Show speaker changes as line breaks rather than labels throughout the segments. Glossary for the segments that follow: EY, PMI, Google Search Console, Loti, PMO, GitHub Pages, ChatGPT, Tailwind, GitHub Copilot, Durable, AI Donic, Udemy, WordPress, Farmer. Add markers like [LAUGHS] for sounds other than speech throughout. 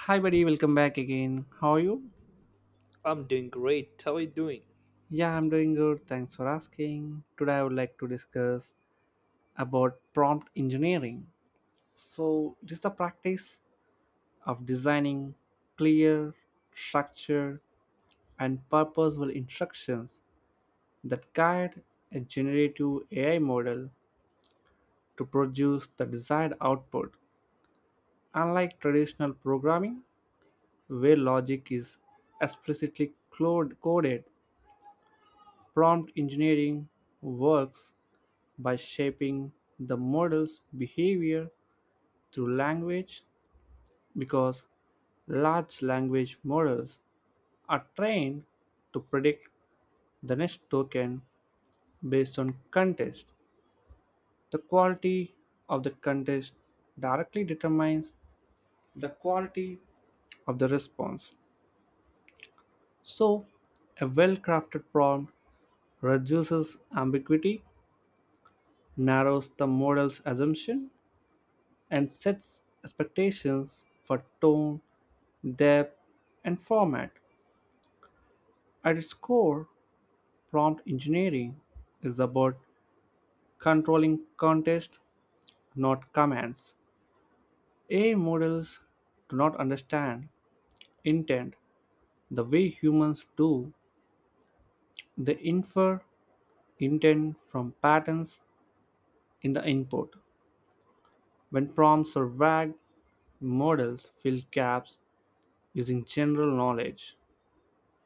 Hi, buddy. Welcome back again. How are you?
I'm doing great. How are you doing?
Yeah, I'm doing good. Thanks for asking. Today, I would like to discuss about prompt engineering. So, it is the practice of designing clear, structured, and purposeful instructions that guide a generative AI model to produce the desired output. Unlike traditional programming, where logic is explicitly coded, prompt engineering works by shaping the model's behavior through language, because large language models are trained to predict the next token based on context. The quality of the context directly determines the quality of the response. So, a well crafted prompt reduces ambiguity, narrows the model's assumption, and sets expectations for tone, depth, and format. At its core, prompt engineering is about controlling context, not commands. AI models do not understand intent the way humans do. They infer intent from patterns in the input. When prompts are vague, models fill gaps using general knowledge,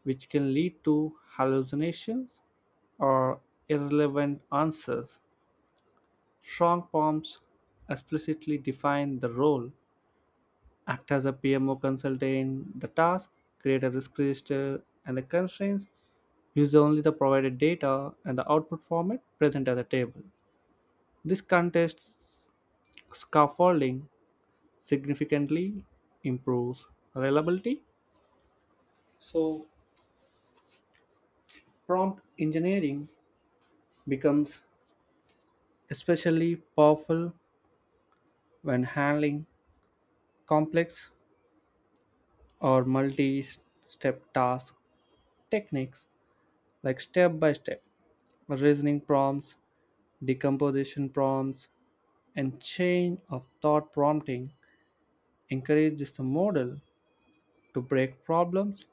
which can lead to hallucinations or irrelevant answers. Strong forms explicitly define the role. Act as a PMO consultant, the task, create a risk register, and the constraints, use only the provided data and the output format present at the table. This context scaffolding significantly improves reliability. So, prompt engineering becomes especially powerful when handling complex or multi step task techniques like step by step reasoning prompts, decomposition prompts, and chain of thought prompting encourages the model to break problems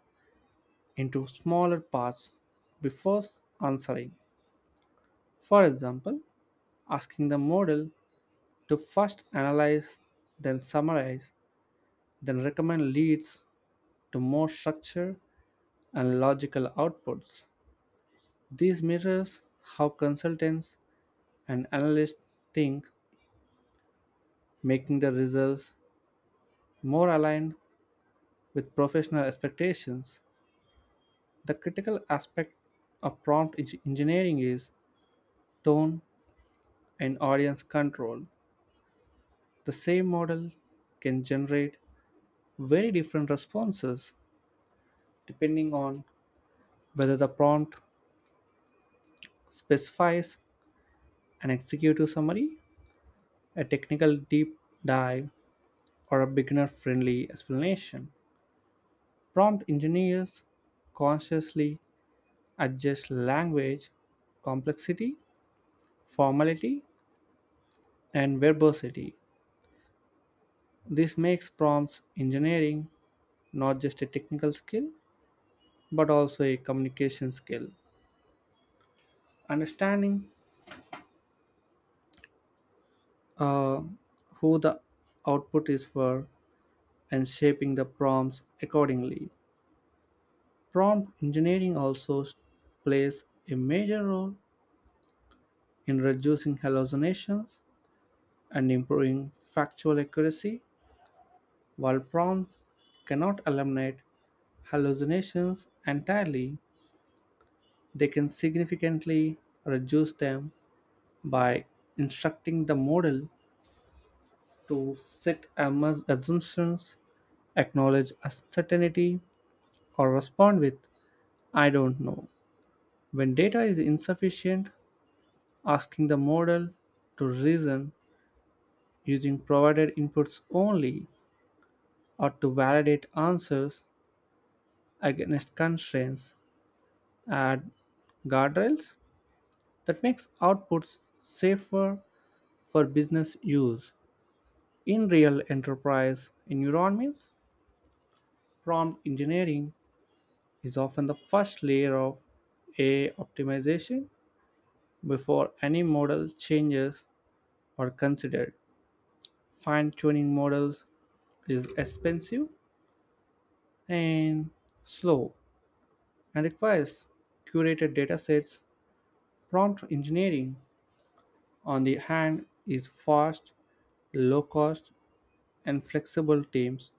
into smaller parts before answering. For example, asking the model to first analyze, then summarize, then recommend leads to more structure and logical outputs. This mirrors how consultants and analysts think, making the results more aligned with professional expectations. The critical aspect of engineering is tone and audience control. The same model can generate very different responses depending on whether the prompt specifies an executive summary, a technical deep dive, or a beginner friendly explanation. Prompt engineers consciously adjust language, complexity, formality, and verbosity. This makes prompts engineering not just a technical skill but also a communication skill. Understanding uh, who the output is for and shaping the prompts accordingly. Prompt engineering also plays a major role in reducing hallucinations and improving factual accuracy, while prompts cannot eliminate hallucinations entirely. They can significantly reduce them by instructing the model to set assumptions, acknowledge uncertainty, or respond with "I don't know." When data is insufficient, asking the model to reason using provided inputs only or to validate answers against constraints add guardrails that makes outputs safer for business use. In real enterprise environments, prompt engineering is often the first layer of AI optimization before any model changes are considered. Fine-tuning models is expensive and slow and requires curated datasets. Prompt engineering, on the hand, is fast, low cost, and flexible. Teams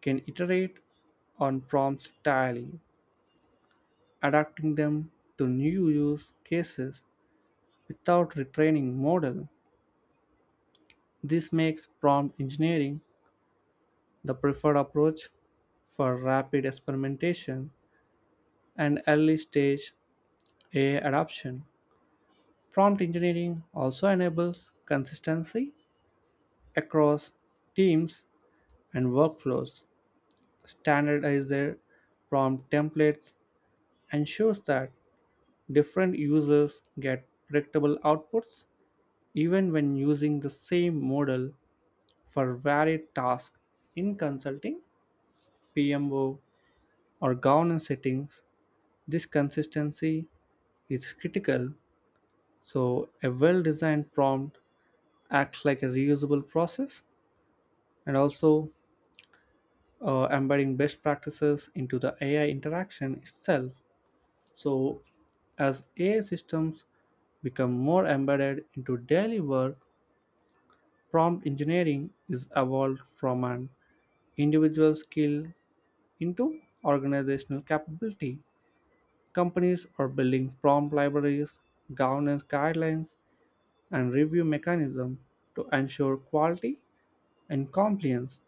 can iterate on prompts daily, adapting them to new use cases without retraining model. This makes prompt engineering the preferred approach for rapid experimentation and early stage AI adoption. Prompt engineering also enables consistency across teams and workflows. Standardized prompt templates ensures that different users get predictable outputs even when using the same model for varied tasks in consulting, PMO, or governance settings. This consistency is critical. So, a well designed prompt acts like a reusable process and also embedding best practices into the AI interaction itself. So, as AI systems become more embedded into daily work, prompt engineering is evolved from an individual skill into organizational capability. Companies are building prompt libraries, governance guidelines, and review mechanisms to ensure quality and compliance.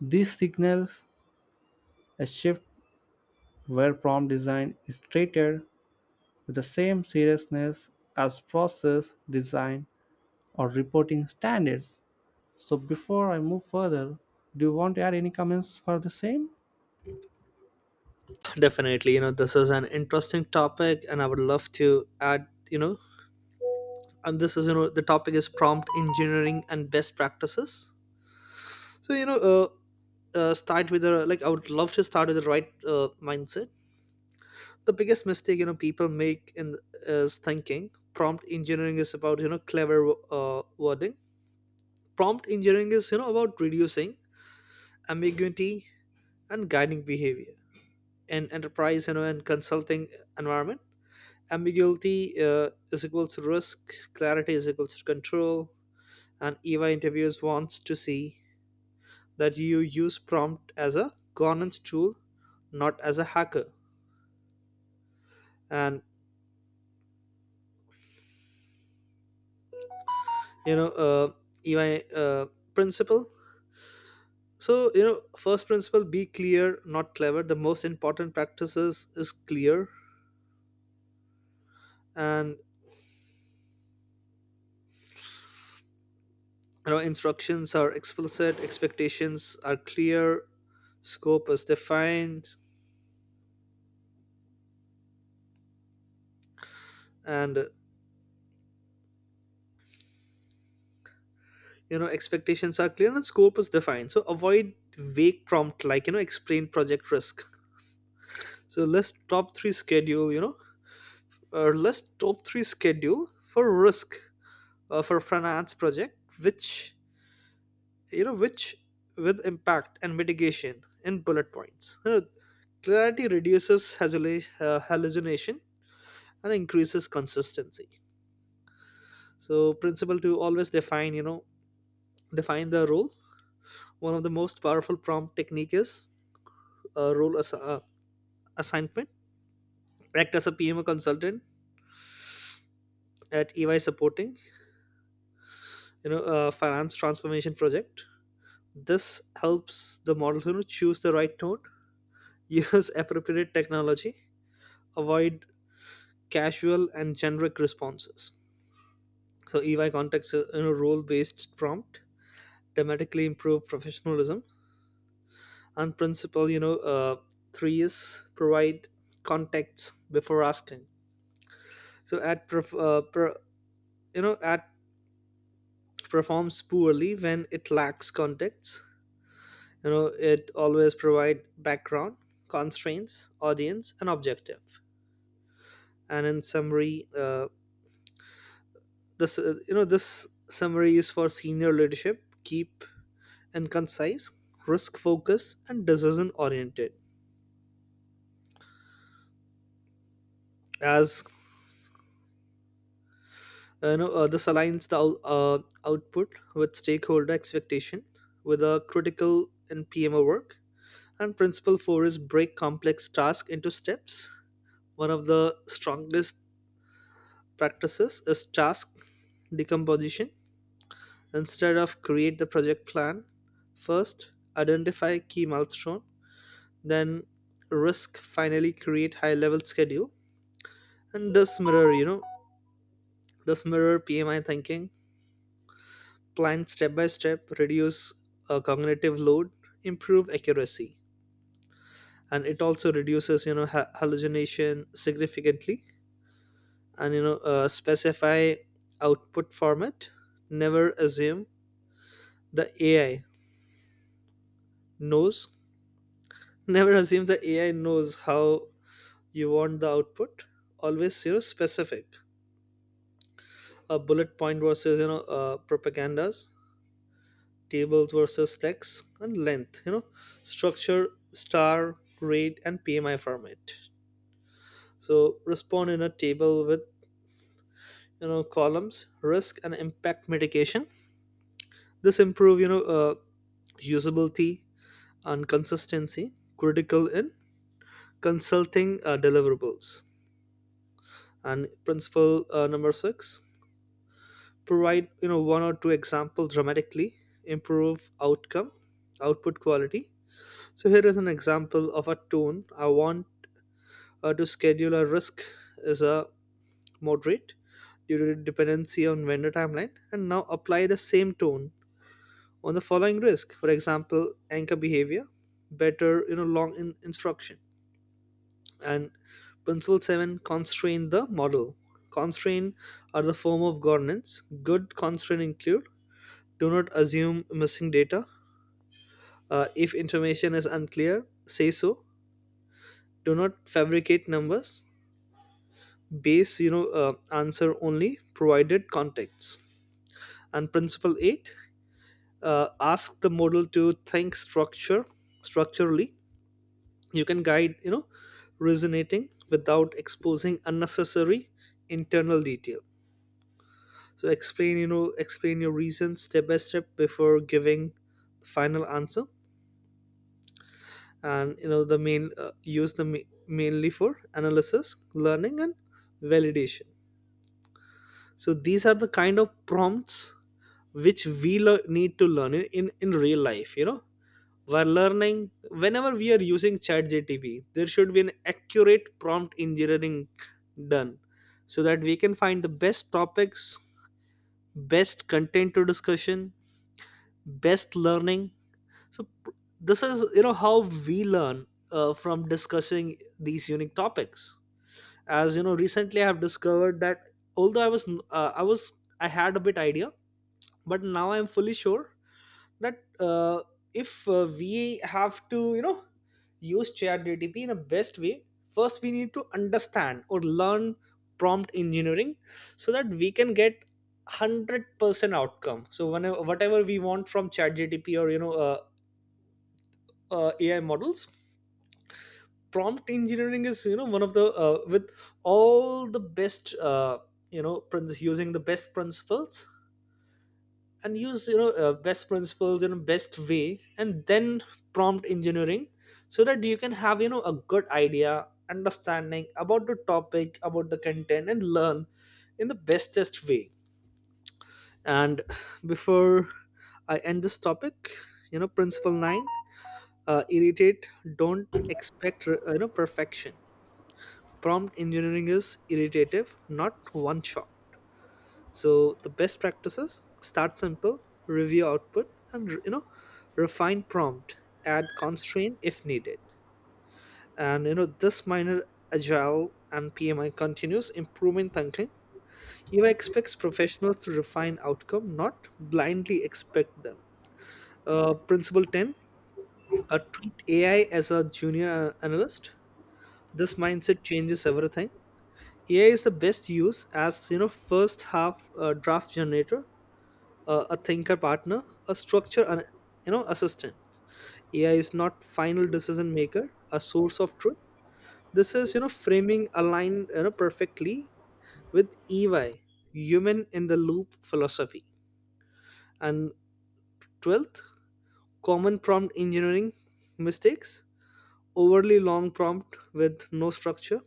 This signals a shift where prompt design is treated with the same seriousness as process design or reporting standards. So, before I move further, do you want to add any comments for the same?
Definitely, this is an interesting topic, and I would love to add, and this is, the topic is prompt engineering and best practices. So, start with the like, I would love to start with the right mindset. The biggest mistake, people make in is thinking prompt engineering is about, clever wording. Prompt engineering is, about reducing ambiguity and guiding behavior in enterprise, and consulting environment. Ambiguity is equals risk, clarity is equals to control, and eva interviews wants to see that you use prompt as a governance tool, not as a hacker. And you know eva uh, Principle. So first principle, be clear not clever. The most important practices is clear, and instructions are explicit, expectations are clear, scope is defined. And you know expectations are clear and scope is defined, so avoid vague prompt like explain project risk. So list top three schedule, or list top three schedule for risk for finance project, which you know which with impact and mitigation in bullet points. Clarity reduces hallucination and increases consistency. So principle to always define, define the role. One of the most powerful prompt technique is uh, role as- assignment. Act as a PMO consultant at EY supporting, a finance transformation project. This helps the model to choose the right node, [LAUGHS] use appropriate technology, avoid casual and generic responses. So EY context, role based prompt dramatically improve professionalism. And principle, three is provide context before asking. So at perf- per, you know at performs poorly when it lacks context. you know it always provide background, constraints, audience and objective. And in summary, this you know this summary is for senior leadership, keep and concise, risk focused and decision oriented. As you know this aligns the output with stakeholder expectation, with a critical in PMO work. And principle 4 is break complex task into steps. One of the strongest practices is task decomposition. Instead of create the project plan, first identify key milestone, then risk, finally create high level schedule. And this mirror, this mirror PMI thinking, plan step by step, reduce cognitive load, improve accuracy. And it also reduces, hallucination significantly. And, specify output format. Never assume the AI knows [LAUGHS] Never assume the AI knows how you want the output. Always specific. A bullet point versus propagandas, tables versus text, and length. Structure, star, grade, and PMI format. So respond in a table with columns, risk and impact mitigation. This improve usability and consistency. Critical in consulting deliverables. And principle number six, provide one or two examples dramatically improve outcome output quality. So here is an example of a tone I want to schedule. A risk is a moderate due to dependency on vendor timeline, and now apply the same tone on the following risk, for example anchor behavior better. Instruction. And principle 7, constrain the model. Constrain are the form of governance. Good constraint include: do not assume missing data. If information is unclear, say so. Do not fabricate numbers. Base, answer only provided context. And principle eight: ask the model to think structure structurally. You can guide, resonating without exposing unnecessary internal detail. So explain, explain your reasons step by step before giving the final answer. And the main, mainly for analysis, learning and validation. So these are the kind of prompts which we need to learn in, in real life. We're learning whenever we are using chat gtp, there should be an accurate prompt engineering done, so that we can find the best topics, best content to discussion, best learning. so pr- this is, how we learn from discussing these unique topics. As you know, recently I have discovered that although I was, I had a bit idea, but now I'm fully sure that uh, if we have to, use chat gtp in a best way, first we need to understand or learn prompt engineering, so that we can get 100% outcome. So whenever, whatever we want from chat gtp or, AI models, prompt engineering is, one of the, with all the best, using the best principles. And use, best principles in a best way, and then prompt engineering, so that you can have, a good idea understanding about the topic, about the content, and learn in the bestest way. And before I end this topic, principle 9, irritate, don't expect, perfection. Prompt engineering is iterative, not one shot. So the best practices: start simple, review output, and, refine prompt, add constraint if needed. And, this minor agile and PMI continuous improvement thinking. EY expects professionals to refine outcome, not blindly expect them. Principle 10: treat AI as a junior analyst. This mindset changes everything. AI is the best use as, first half a draft generator, a thinker partner, a structure, and, assistant. AI is not final decision maker, a source of truth. This is, framing aligned, perfectly with EY, human in the loop philosophy. And 12th, common prompt engineering mistakes, overly long prompt with no structure,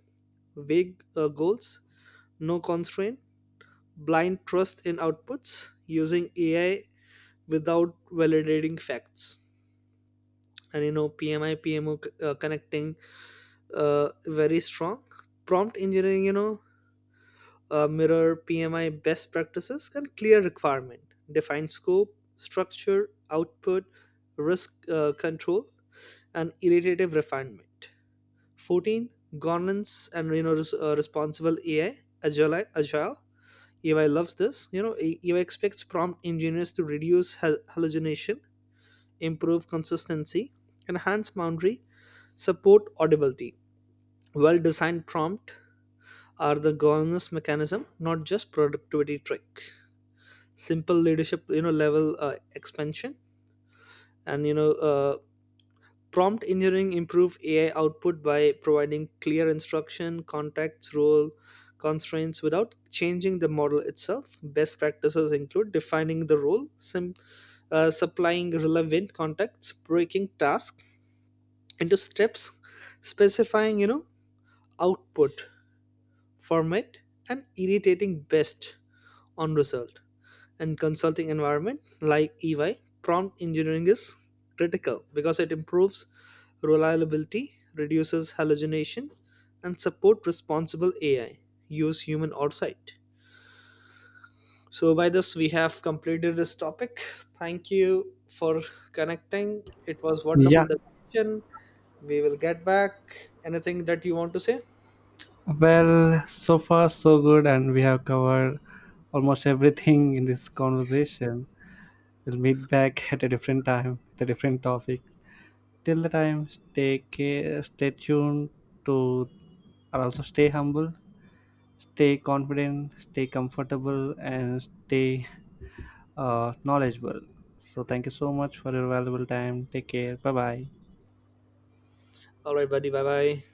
vague goals, no constraint, blind trust in outputs, using AI without validating facts. And, PMI, PMO connecting very strong. Prompt engineering, mirror PMI best practices and clear requirement. Define scope, structure, output, risk control, and iterative refinement. 14. Governance and, responsible AI, agile, agile. EY loves this. EY expects prompt engineers to reduce hallucination, improve consistency, enhance boundary, support audibility. Well designed prompt are the governance mechanism, not just productivity trick. Simple leadership, level expansion, and you know, uh, prompt engineering improve AI output by providing clear instruction, contexts, role constraints without changing the model itself. Best practices include defining the role, supplying relevant contexts, breaking tasks into steps, specifying, output format, and irritating best on result. And consulting environment like EY, prompt engineering is critical because it improves reliability, reduces hallucination, and support responsible AI. Use human oversight. So by this we have completed this topic. Thank you for connecting. It was wonderful
Yeah.
discussion. We will get back. Anything that you want to say?
Well, so far so good, and we have covered almost everything in this conversation. We'll meet back at a different time with a different topic. Till the time, stay care, stay tuned to, and also stay humble, stay confident, stay comfortable, and stay knowledgeable. So, thank you so much for your valuable time. Take care. Bye bye.
All right, buddy. Bye bye.